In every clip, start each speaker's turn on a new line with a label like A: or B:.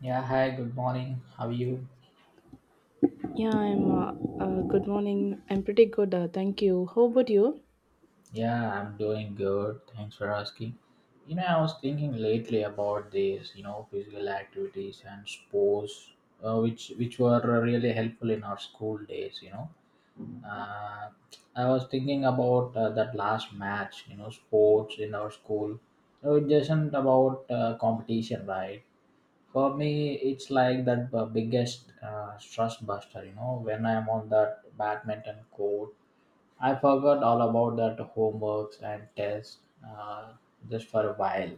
A: Yeah, hi, good morning. How are you?
B: Yeah, I'm. Good morning. I'm pretty good. Thank you. How about you?
A: Yeah, I'm doing good. Thanks for asking. You know, I was thinking lately about this, you know, physical activities and sports, which were really helpful in our school days, you know. Uh, I was thinking about that last match, you know, sports in our school. So it isn't about competition, right? For me, it's like that biggest stress buster, you know, when I'm on that badminton court. I forgot all about that homeworks and tests, uh, just for a while.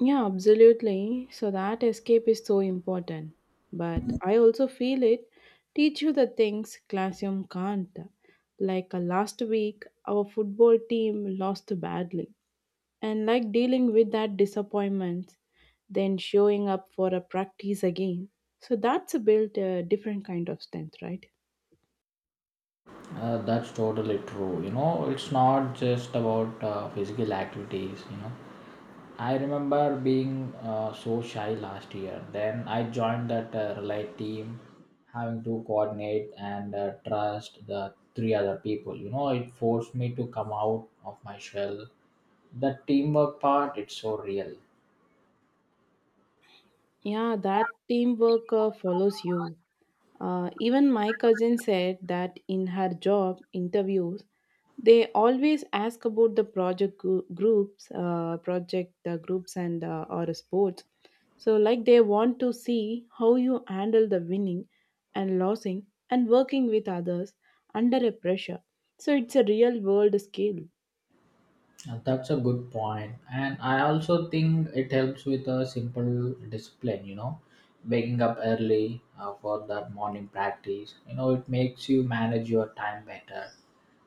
B: Yeah, absolutely. So that escape is so important. But I also feel it teach you the things classroom can't. Like last week, our football team lost badly, and like dealing with that disappointment, then showing up for a practice again. So that's a built a different kind of strength, right?
A: That's totally true. You know, it's not just about physical activities. You know, I remember being so shy last year. Then I joined that relay team, having to coordinate and trust the three other people. You know, it forced me to come out of my shell. The teamwork part, it's so real.
B: Yeah, that teamwork follows you. Even my cousin said that in her job interviews, they always ask about the groups, project groups, and or sports. So, like they want to see how you handle the winning and losing and working with others under a pressure. So, it's a real world skill.
A: That's a good point. And I also think it helps with a simple discipline, you know, waking up early for that morning practice. You know, it makes you manage your time better.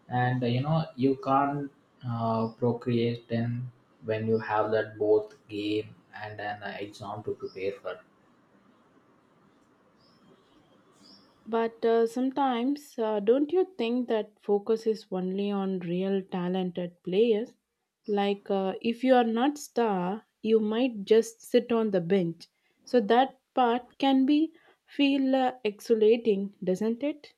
A: And, you know, you can't procreate then when you have that both game and an exam to prepare for.
B: But sometimes, don't you think that focus is only on real talented players? Like, if you are not star, you might just sit on the bench. So that part can be feel exhilarating, doesn't it?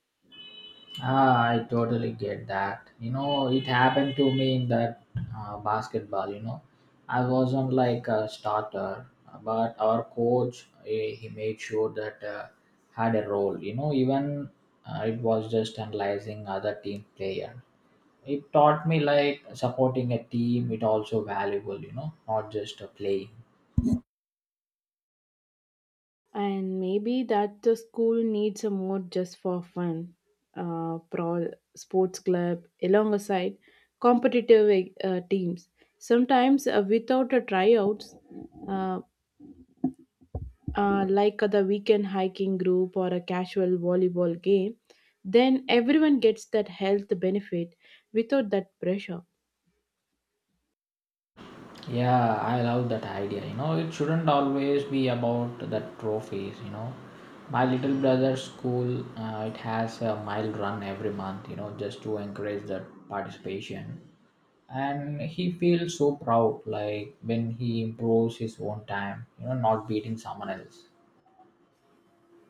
A: Ah, I totally get that. You know, it happened to me in that basketball. You know, I wasn't like a starter, but our coach he made sure that had a role. You know, even it was just analyzing other team player. It taught me like supporting a team. It also valuable. You know, not just a play.
B: And maybe that the school needs a mode just for fun, pro sports club alongside competitive teams. Sometimes without a tryouts, uh, like the weekend hiking group or a casual volleyball game, then everyone gets that health benefit without that pressure.
A: Yeah, I love that idea. You know, it shouldn't always be about the trophies. You know, my little brother's school it has a mile run every month. You know, just to encourage that participation, and he feels so proud. Like when he improves his own time. You know, not beating someone else.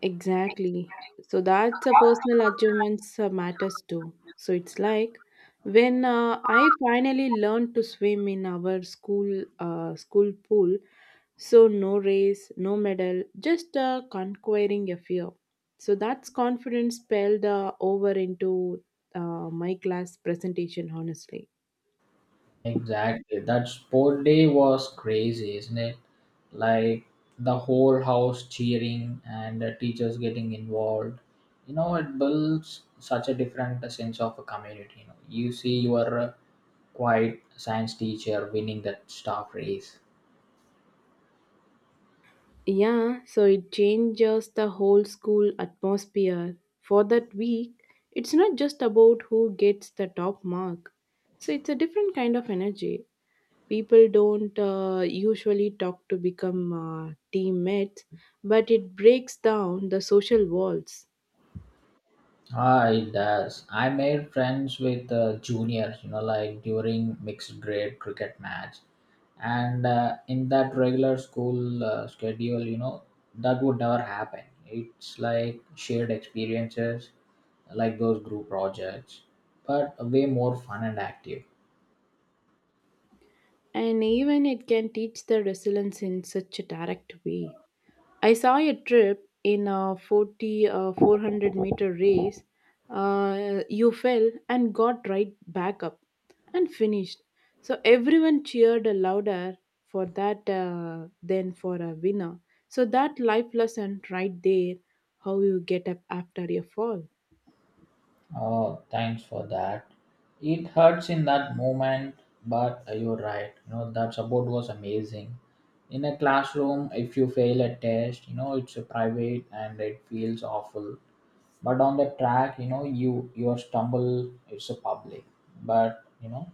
B: Exactly. So that's a personal achievements matters too. So it's like when I finally learned to swim in our school pool. So no race, no medal, just conquering a fear. So that's confidence spelled over into my class presentation. Honestly.
A: Exactly. That sport day was crazy, isn't it? Like the whole house cheering and the teachers getting involved. You know, it builds such a different sense of a community. You know, you see your quiet science teacher winning that staff race.
B: Yeah, so it changes the whole school atmosphere. For that week, it's not just about who gets the top mark. So it's a different kind of energy. People don't usually talk to become teammates, but it breaks down the social walls.
A: Ah, it does. I made friends with juniors, you know, like during mixed grade cricket match, and in that regular school schedule, you know, that would never happen. It's like shared experiences, like those group projects, but way more fun and active.
B: And even it can teach the resilience in such a direct way. I saw a trip in a 400-meter race. You fell and got right back up and finished. So everyone cheered louder for that than for a winner. So that life lesson right there, how you get up after a fall.
A: Oh, thanks for that. It hurts in that moment, but you're right. You know, that support was amazing. In a classroom, if you fail a test, you know, it's a private and it feels awful. But on the track, you know, your stumble, it's a public. But, you know,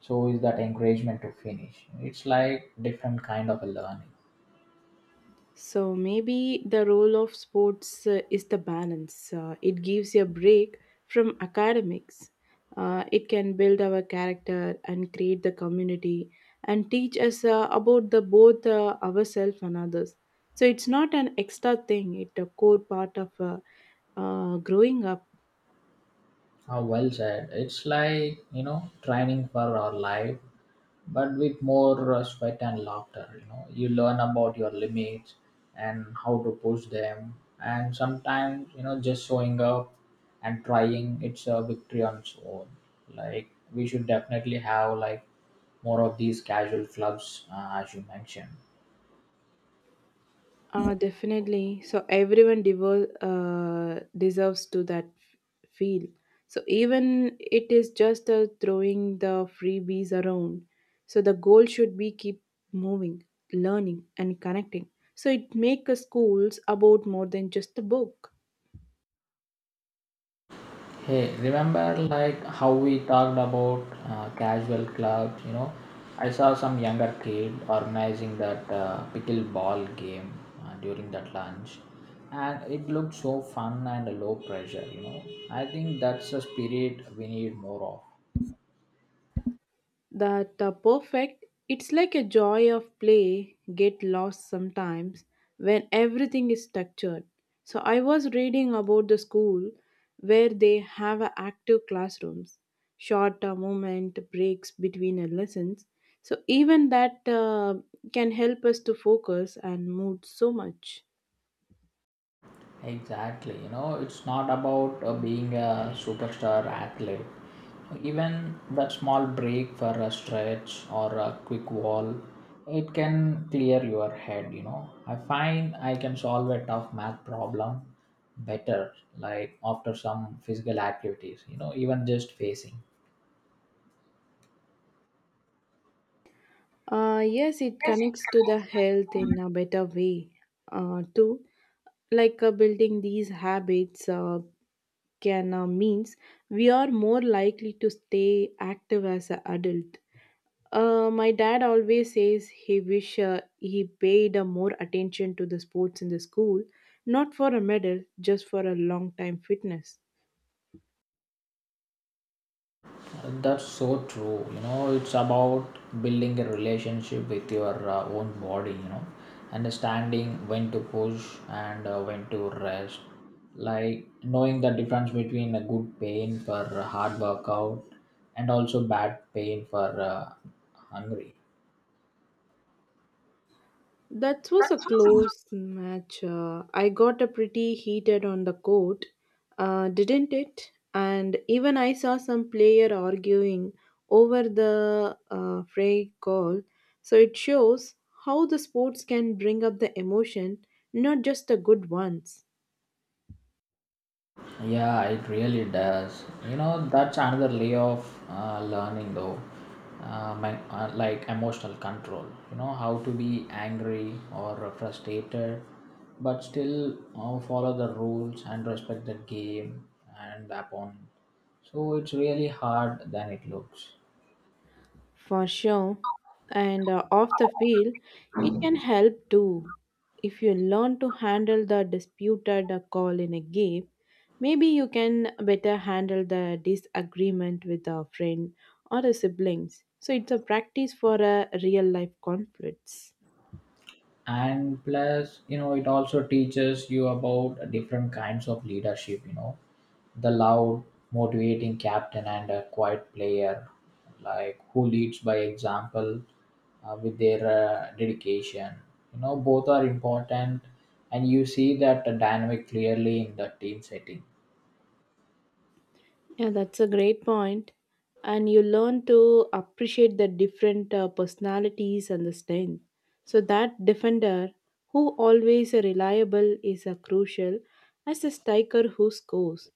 A: so is that encouragement to finish. It's like different kind of a learning.
B: So maybe the role of sports is the balance. It gives you a break from academics. It can build our character and create the community and teach us about the both ourselves and others. So it's not an extra thing; it's a core part of growing up.
A: How well said. It's like, you know, training for our life, but with more sweat and laughter. You know, you learn about your limits and how to push them. And sometimes, you know, just showing up and trying, it's a victory on its own. Like, we should definitely have like more of these casual clubs, as you mentioned.
B: Definitely. So everyone deserves to that feel. So even it is just throwing the freebies around. So the goal should be keep moving, learning, and connecting. So it make a schools about more than just a book.
A: Hey, remember like how we talked about casual clubs, you know? I saw some younger kid organizing that pickleball game during that lunch, and it looked so fun and low pressure, you know? I think that's the spirit we need more of.
B: That perfect, it's like a joy of play get lost sometimes when everything is structured. So I was reading about the school where they have a active classrooms, short moment breaks between lessons. So even that can help us to focus and mood so much.
A: Exactly. You know, it's not about being a superstar athlete. Even that small break for a stretch or a quick wall, it can clear your head. You know, I find I can solve a tough math problem better, like after some physical activities, you know, even just facing.
B: Yes, it connects to the health in a better way too. Like building these habits can means we are more likely to stay active as an adult. My dad always says he wish he paid more attention to the sports in the school, not for a medal, just for a long time fitness.
A: That's so true. You know, it's about building a relationship with your own body, you know, understanding when to push and when to rest. Like knowing the difference between a good pain for a hard workout and also bad pain for hungry.
B: That was a close match. I got a pretty heated on the court, didn't it? And even I saw some player arguing over the fray call. So it shows how the sports can bring up the emotion, not just the good ones.
A: Yeah, it really does. You know, that's another layer of learning, though. My like emotional control. You know, how to be angry or frustrated, but still follow the rules and respect the game and upon. So it's really hard than it looks.
B: For sure. And off the field, it can help too. If you learn to handle the disputed call in a game, maybe you can better handle the disagreement with a friend or a siblings. So it's a practice for a real life conflicts.
A: And plus, you know, it also teaches you about different kinds of leadership, you know, the loud motivating captain and a quiet player like who leads by example with their dedication. You know, both are important, and you see that dynamic clearly in the team setting.
B: Yeah, that's a great point. And you learn to appreciate the different personalities and the strength. So that defender who always reliable is a crucial as a striker who scores.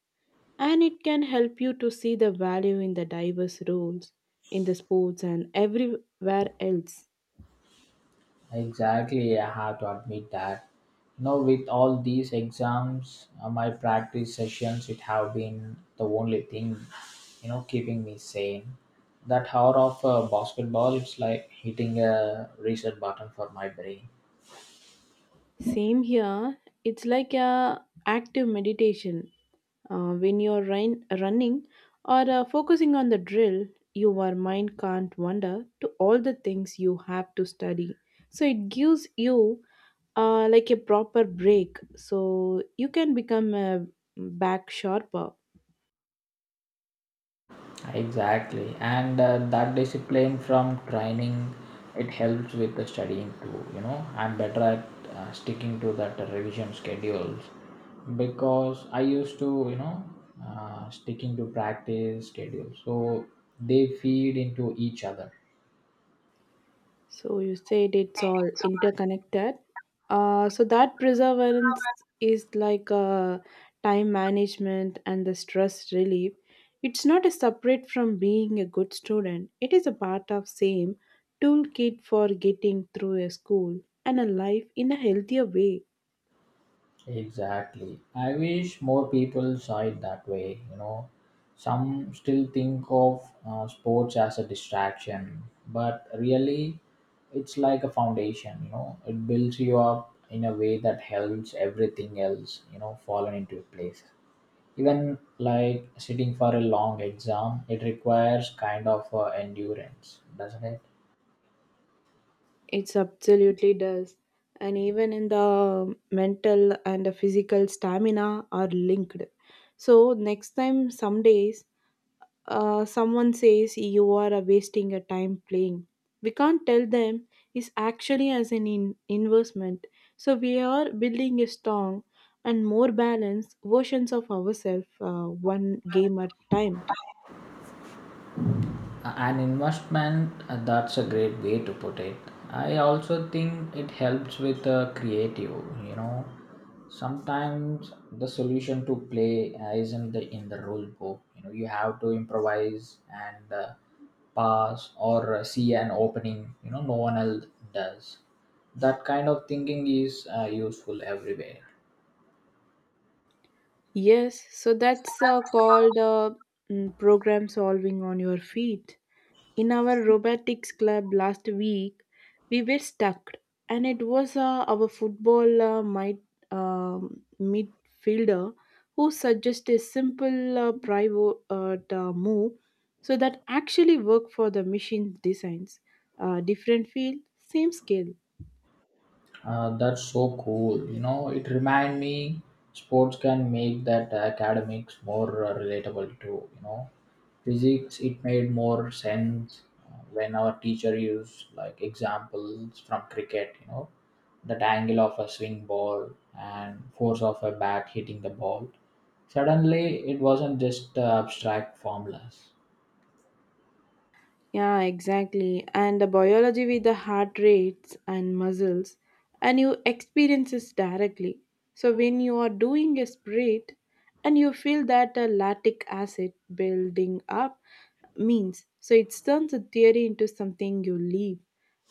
B: And it can help you to see the value in the diverse roles in the sports and everywhere else.
A: Exactly, I have to admit that. You know, with all these exams, my practice sessions, it have been the only thing, you know, keeping me sane. That hour of basketball, it's like hitting a reset button for my brain.
B: Same here. It's like a active meditation. When you're running or focusing on the drill, your mind can't wander to all the things you have to study. So it gives you like a proper break, so you can become a back sharper.
A: Exactly, and that discipline from training, it helps with the studying too. You know, I'm better at sticking to that revision schedules because I used to, you know, sticking to practice schedules. So they feed into each other.
B: So you said it's all interconnected. So that perseverance is like a time management and the stress relief. It's not a separate from being a good student. It is a part of same toolkit for getting through a school and a life in a healthier way.
A: Exactly. I wish more people saw it that way. You know, some still think of sports as a distraction, but really, it's like a foundation. You know, it builds you up in a way that helps everything else. You know, fallen into place. Even like sitting for a long exam, it requires kind of endurance, doesn't it?
B: It's absolutely does. And even in the mental and the physical stamina are linked. So next time some days someone says you are wasting your time playing. We can't tell them it's actually as an investment. So we are building a strong and more balanced versions of ourselves one game at time.
A: An investment, that's a great way to put it. I also think it helps with creative, you know, sometimes the solution to play isn't in the rule book. You know, you have to improvise and pass or see an opening, you know, no one else does. That kind of thinking is useful everywhere.
B: Yes, so that's called program solving on your feet. In our robotics club last week, we were stuck, and it was our football midfielder who suggested a simple private move so that actually worked for the machine designs. Different field, same skill.
A: That's so cool. You know, it remind me sports can make that academics more relatable too. You know, physics it made more sense when our teacher used like examples from cricket. You know, that angle of a swing ball and force of a bat hitting the ball. Suddenly, it wasn't just abstract formulas.
B: Yeah, exactly. And the biology with the heart rates and muscles, and you experience this directly. So when you are doing a sprint, and you feel that a lactic acid building up means, so it turns a theory into something you live.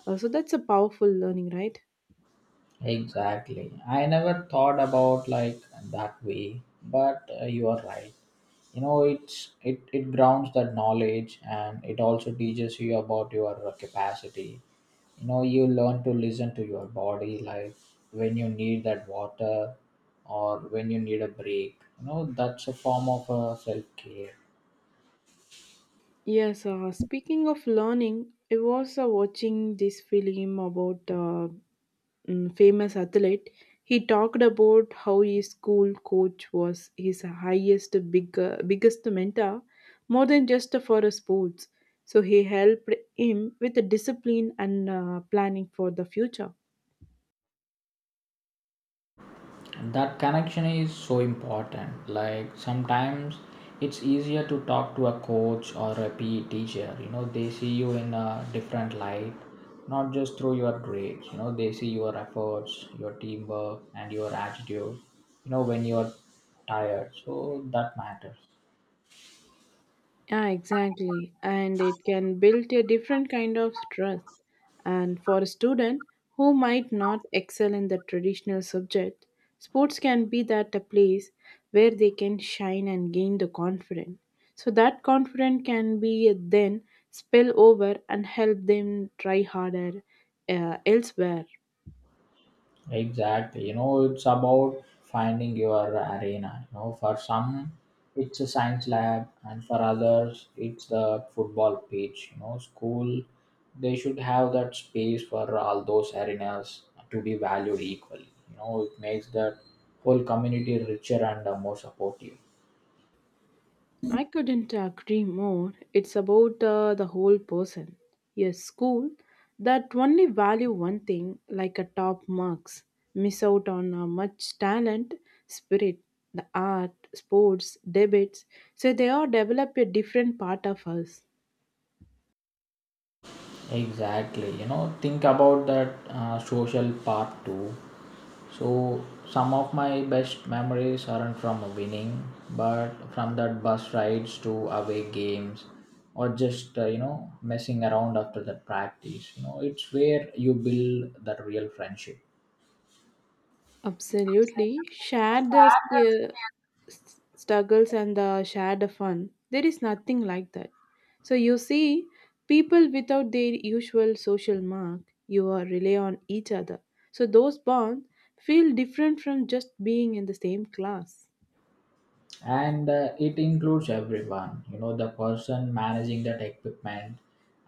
B: So that's a powerful learning, right?
A: Exactly. I never thought about like that way, but you are right. You know, it grounds that knowledge, and it also teaches you about your capacity. You know, you learn to listen to your body, like when you need that water or when you need a break. You know, that's a form of self-care.
B: Yes, speaking of learning, I was watching this film about famous athlete. He talked about how his school coach was his biggest mentor, more than just for a sports. So he helped him with the discipline and planning for the future.
A: That connection is so important. Like sometimes it's easier to talk to a coach or a PE teacher. You know, they see you in a different light, not just through your grades. You know, they see your efforts, your teamwork, and your attitude. You know, when you're tired, so that matters.
B: Yeah, exactly. And it can build a different kind of trust. And for a student who might not excel in the traditional subject, sports can be that a place where they can shine and gain the confidence. So that confidence can be then spill over and help them try harder elsewhere.
A: Exactly. You know, it's about finding your arena. You know, for some, it's a science lab, and for others, it's the football pitch. You know, school, they should have that space for all those arenas to be valued equally. You know, it makes that whole community richer and more supportive.
B: I couldn't agree more. It's about the whole person. A school that only value one thing, like a top marks, miss out on much talent, spirit, the art, sports, debates. So they all develop a different part of us.
A: Exactly. You know, think about that social part too. So some of my best memories aren't from winning, but from that bus rides to away games, or just you know messing around after the practice. You know, it's where you build that real friendship.
B: Absolutely. Share the struggles and the share the fun. There is nothing like that. So you see, people without their usual social mark, you are rely on each other. So those bonds feel different from just being in the same class.
A: And it includes everyone. You know, the person managing that equipment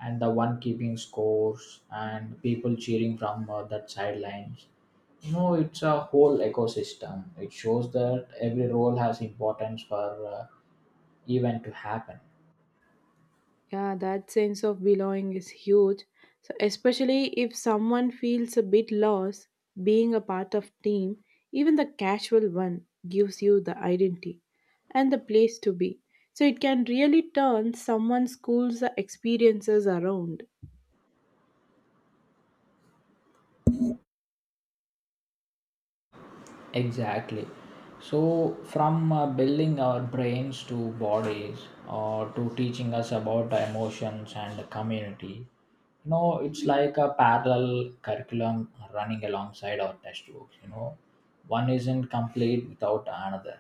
A: and the one keeping scores and people cheering from that sidelines. You know, it's a whole ecosystem. It shows that every role has importance for event to happen.
B: Yeah, that sense of belonging is huge. So especially if someone feels a bit lost, being a part of team, even the casual one, gives you the identity and the place to be. So it can really turn someone's school's experiences around.
A: Exactly. So, from building our brains to bodies or to teaching us about emotions and the community, you know, it's like a parallel curriculum running alongside our textbooks. You know, one isn't complete without another.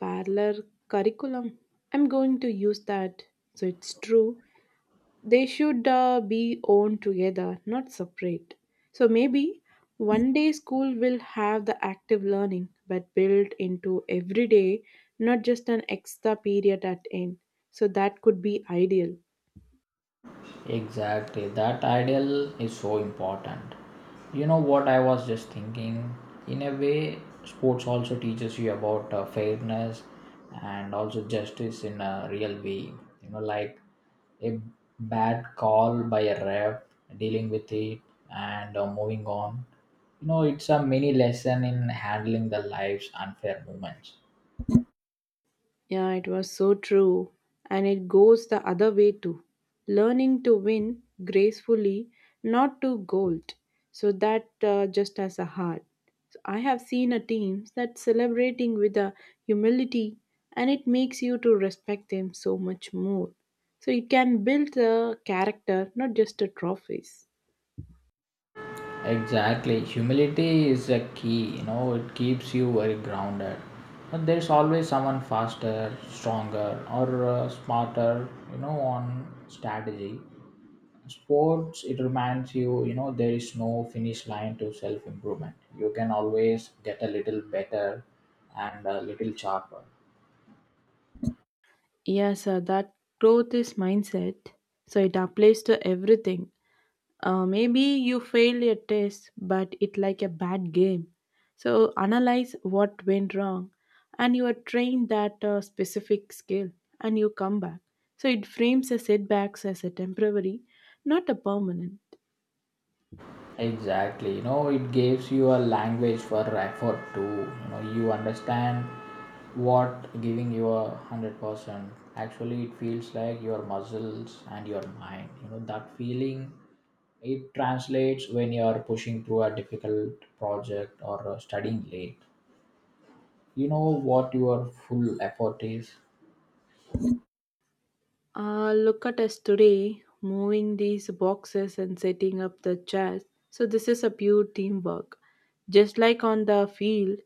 B: Parallel curriculum. I'm going to use that. So it's true they should be owned together, not separate. So maybe one day school will have the active learning, but built into every day, not just an extra period at end. So that could be ideal.
A: Exactly, that ideal is so important. You know what I was just thinking? In a way, sports also teaches you about fairness and also justice in a real way. You know, like a bad call by a ref, dealing with it, and moving on. You know, it's a mini lesson in handling the life's unfair moments.
B: Yeah, it was so true. And it goes the other way too. Learning to win gracefully, not to gold. So that just as a heart. So I have seen a teams that celebrating with a humility and it makes you to respect them so much more. So you can build a character, not just a trophies.
A: Exactly. Humility is a key, you know, it keeps you very grounded. But there's always someone faster, stronger, or smarter, you know, on strategy. Sports, it reminds you, you know, there is no finish line to self improvement. You can always get a little better and a little sharper.
B: Yes, sir, that growth is mindset. So it applies to everything. Maybe you failed a test, but it like a bad game. So analyze what went wrong, and you are trained that specific skill, and you come back. So it frames the setbacks as a temporary, not a permanent.
A: Exactly. You know, it gives you a language for effort to. You know, you understand what giving you 100%. Actually, it feels like your muscles and your mind. You know, that feeling it translates when you are pushing through a difficult project or studying late. You know what your full effort is.
B: Look at us today, moving these boxes and setting up the chairs. So this is a pure teamwork, just like on the field.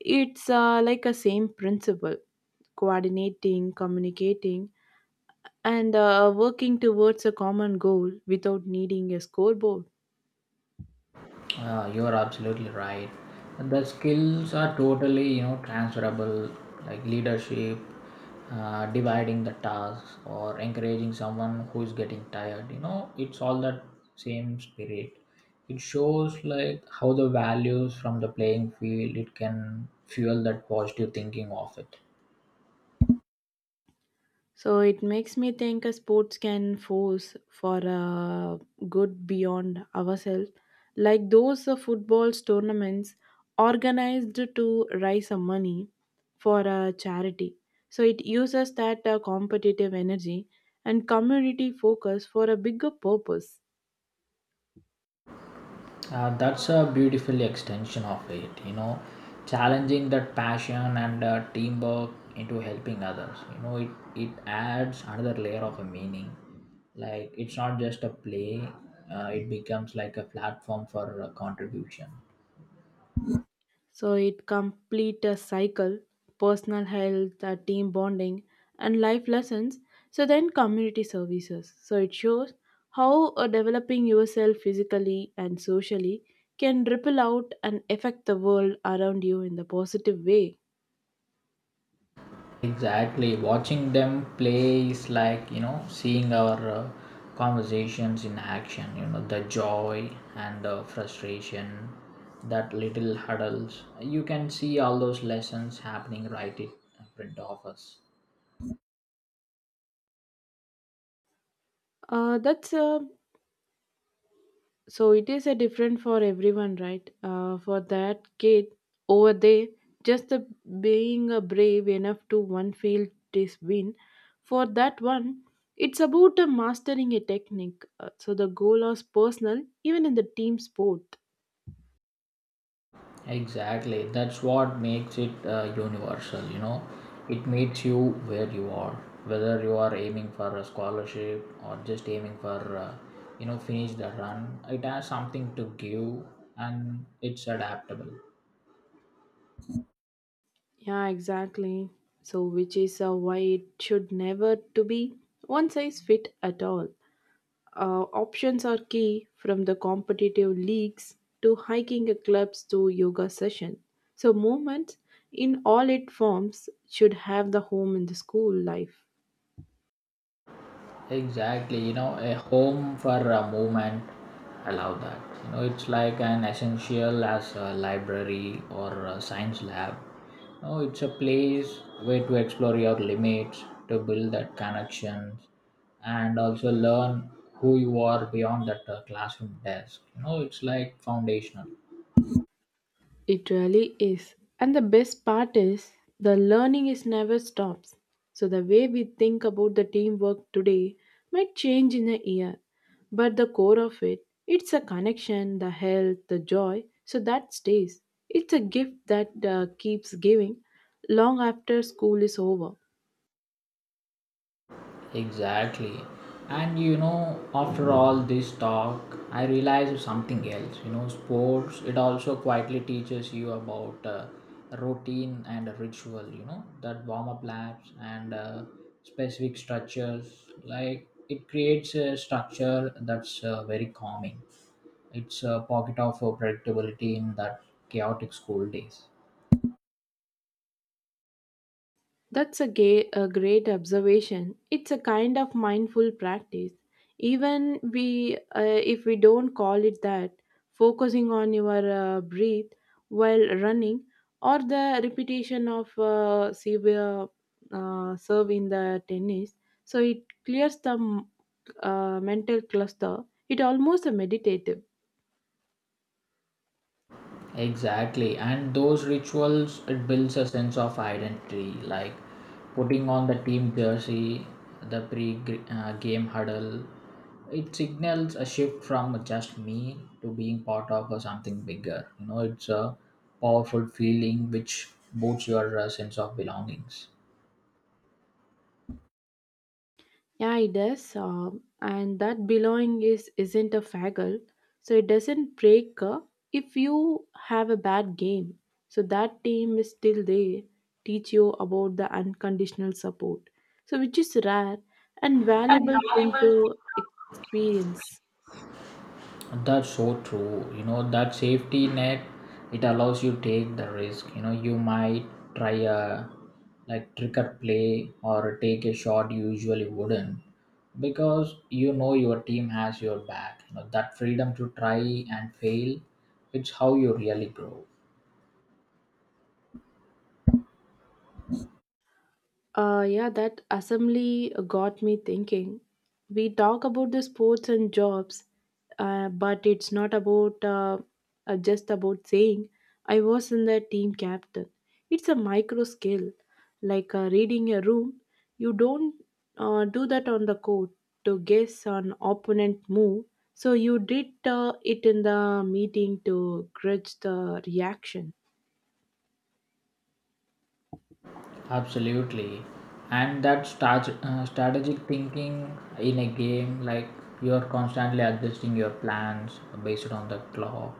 B: It's like a same principle coordinating, communicating, and working towards a common goal without needing a scoreboard.
A: You're absolutely right. And the skills are totally, you know, transferable, like leadership, dividing the tasks, or encouraging someone who is getting tired. You know, it's all that same spirit. It shows like how the values from the playing field it can fuel that positive thinking of it.
B: So it makes me think a sports can force for a good beyond ourselves, like those footballs tournaments organized to raise some money for a charity. So it uses that competitive energy and community focus for a bigger purpose.
A: That's a beautiful extension of it, you know, challenging that passion and teamwork into helping others. You know, it adds another layer of a meaning. Like, it's not just a play, it becomes like a platform for contribution.
B: So it complete a cycle, personal health, team bonding, and life lessons. So then community services. So it shows how developing yourself physically and socially can ripple out and affect the world around you in the positive way.
A: Exactly. Watching them play is like, you know, seeing our conversations in action, you know, the joy and the frustration, that little huddles. You can see all those lessons happening right in front of us.
B: That's so it is a different for everyone, right? For that kid over there, just the being a brave enough to one field, this win, for that one, it's about a mastering a technique. So the goal is personal even in the team sport.
A: Exactly. That's what makes it universal, you know. It meets you where you are, whether you are aiming for a scholarship or just aiming for, you know, finish the run. It has something to give and it's adaptable.
B: Yeah, exactly. So which is why it should never to be one size fit at all. Options are key, from the competitive leagues to hiking clubs to yoga session. So movement in all its forms should have the home in the school life.
A: Exactly, you know, a home for a movement. I love that. You know, it's like an essential as a library or a science lab. You know, it's a place where to explore your limits, to build that connections, and also learn who you are beyond that classroom desk. You know, it's like foundational.
B: It really is. And the best part is the learning is never stops. So the way we think about the teamwork today might change in a year, but the core of it, it's a connection, the health, the joy, so that stays. It's a gift that keeps giving long after school is over.
A: Exactly. And you know, after all this talk, I realized something else. You know, sports, it also quietly teaches you about routine and ritual, you know, that warm up laps and specific structures. Like, it creates a structure that's very calming. It's a pocket of predictability in that chaotic school days.
B: That's a, a great observation. It's a kind of mindful practice. Even if we don't call it that, focusing on your breath while running, or the repetition of severe serve in the tennis, so it clears the mental cluster. It almost a meditative.
A: Exactly. And those rituals, it builds a sense of identity, like putting on the team jersey, the pre game huddle. It signals a shift from just me to being part of something bigger. You know, it's a powerful feeling which boosts your sense of belongings.
B: Yeah, it does. And that belonging is isn't a faggle, so it doesn't break if you have a bad game. So that team is still there, teach you about the unconditional support. So which is rare and
A: And
B: valuable thing
A: valuable.
B: to experience.
A: That's so true. You know, that safety net, it allows you take the risk. You know, you might try a like trick or play or take a shot you usually wouldn't because you know your team has your back. You know, that freedom to try and fail, it's how you really grow.
B: Yeah, that assembly got me thinking. We talk about the sports and jobs, but it's not about just about saying I was in the team captain. It's a micro skill, like reading a room. You don't do that on the court to guess an opponent move. So you did it in the meeting to grudge the reaction.
A: Absolutely, and that start, strategic thinking in a game, like you are constantly adjusting your plans based on the clock,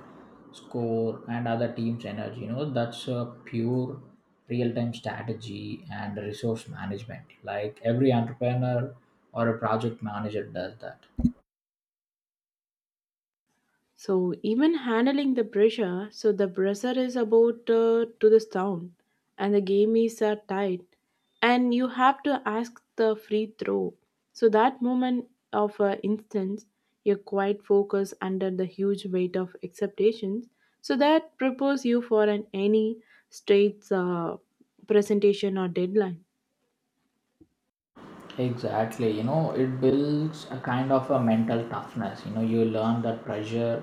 A: score, and other team's energy. You know that's a pure real-time strategy and resource management. Like every entrepreneur or a project manager does that.
B: So even handling the pressure, so the pressure is about to the sound, and the game is tight, and you have to ask the free throw. So that moment of instance, you're quite focused under the huge weight of expectations. So that prepares you for an any straight presentation or deadline.
A: Exactly, you know, it builds a kind of a mental toughness. You know, you learn that pressure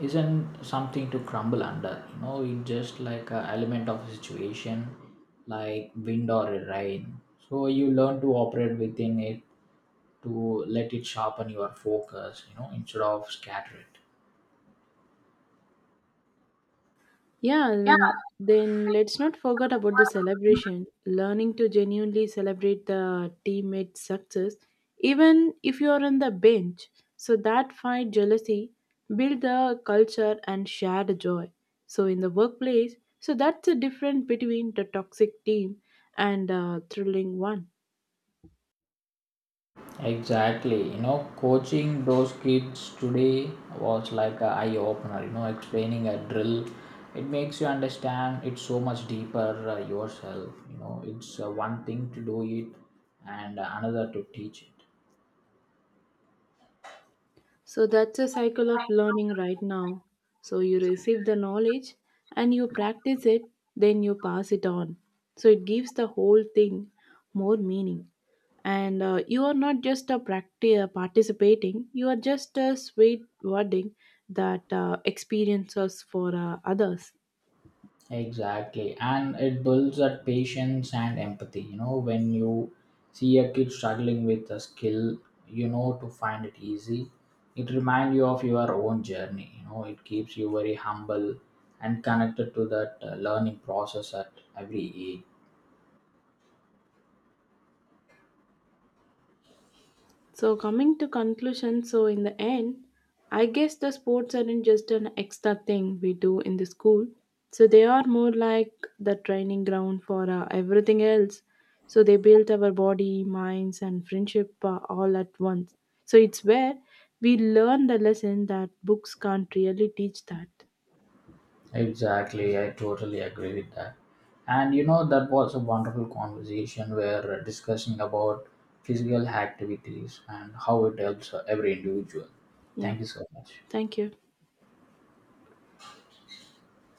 A: isn't something to crumble under. You know, it's just like a element of a situation, like wind or rain. So you learn to operate within it to let it sharpen your focus. You know, instead of scatter it.
B: Yeah, and
A: Yeah.
B: then let's not forget about the celebration. Learning to genuinely celebrate the teammate's success, even if you are on the bench. So that fight jealousy, build the culture and shared joy. So in the workplace, so that's the difference between the toxic team and a thrilling one.
A: Exactly. You know, coaching those kids today was like a eye opener. You know, explaining a drill, it makes you understand it so much deeper yourself. You know, it's one thing to do it, and another to teach it.
B: So that's a cycle of learning right now. So you receive the knowledge and you practice it, then you pass it on. So it gives the whole thing more meaning. And you are not just a participating, you are just a sweet wording that experiences for others.
A: Exactly. And it builds that patience and empathy. You know, when you see a kid struggling with a skill, you know, to find it easy, it reminds you of your own journey. You know, it keeps you very humble and connected to that learning process at every age.
B: So coming to conclusion, so in the end, I guess the sports aren't just an extra thing we do in the school. So they are more like the training ground for everything else. So they build our body, minds, and friendship all at once. So it's where we learn the lesson that books can't really teach that.
A: Exactly. I totally agree with that. And you know, that was a wonderful conversation where discussing about physical activities and how it helps every individual.
B: Yeah.
A: Thank you so much.
B: Thank you.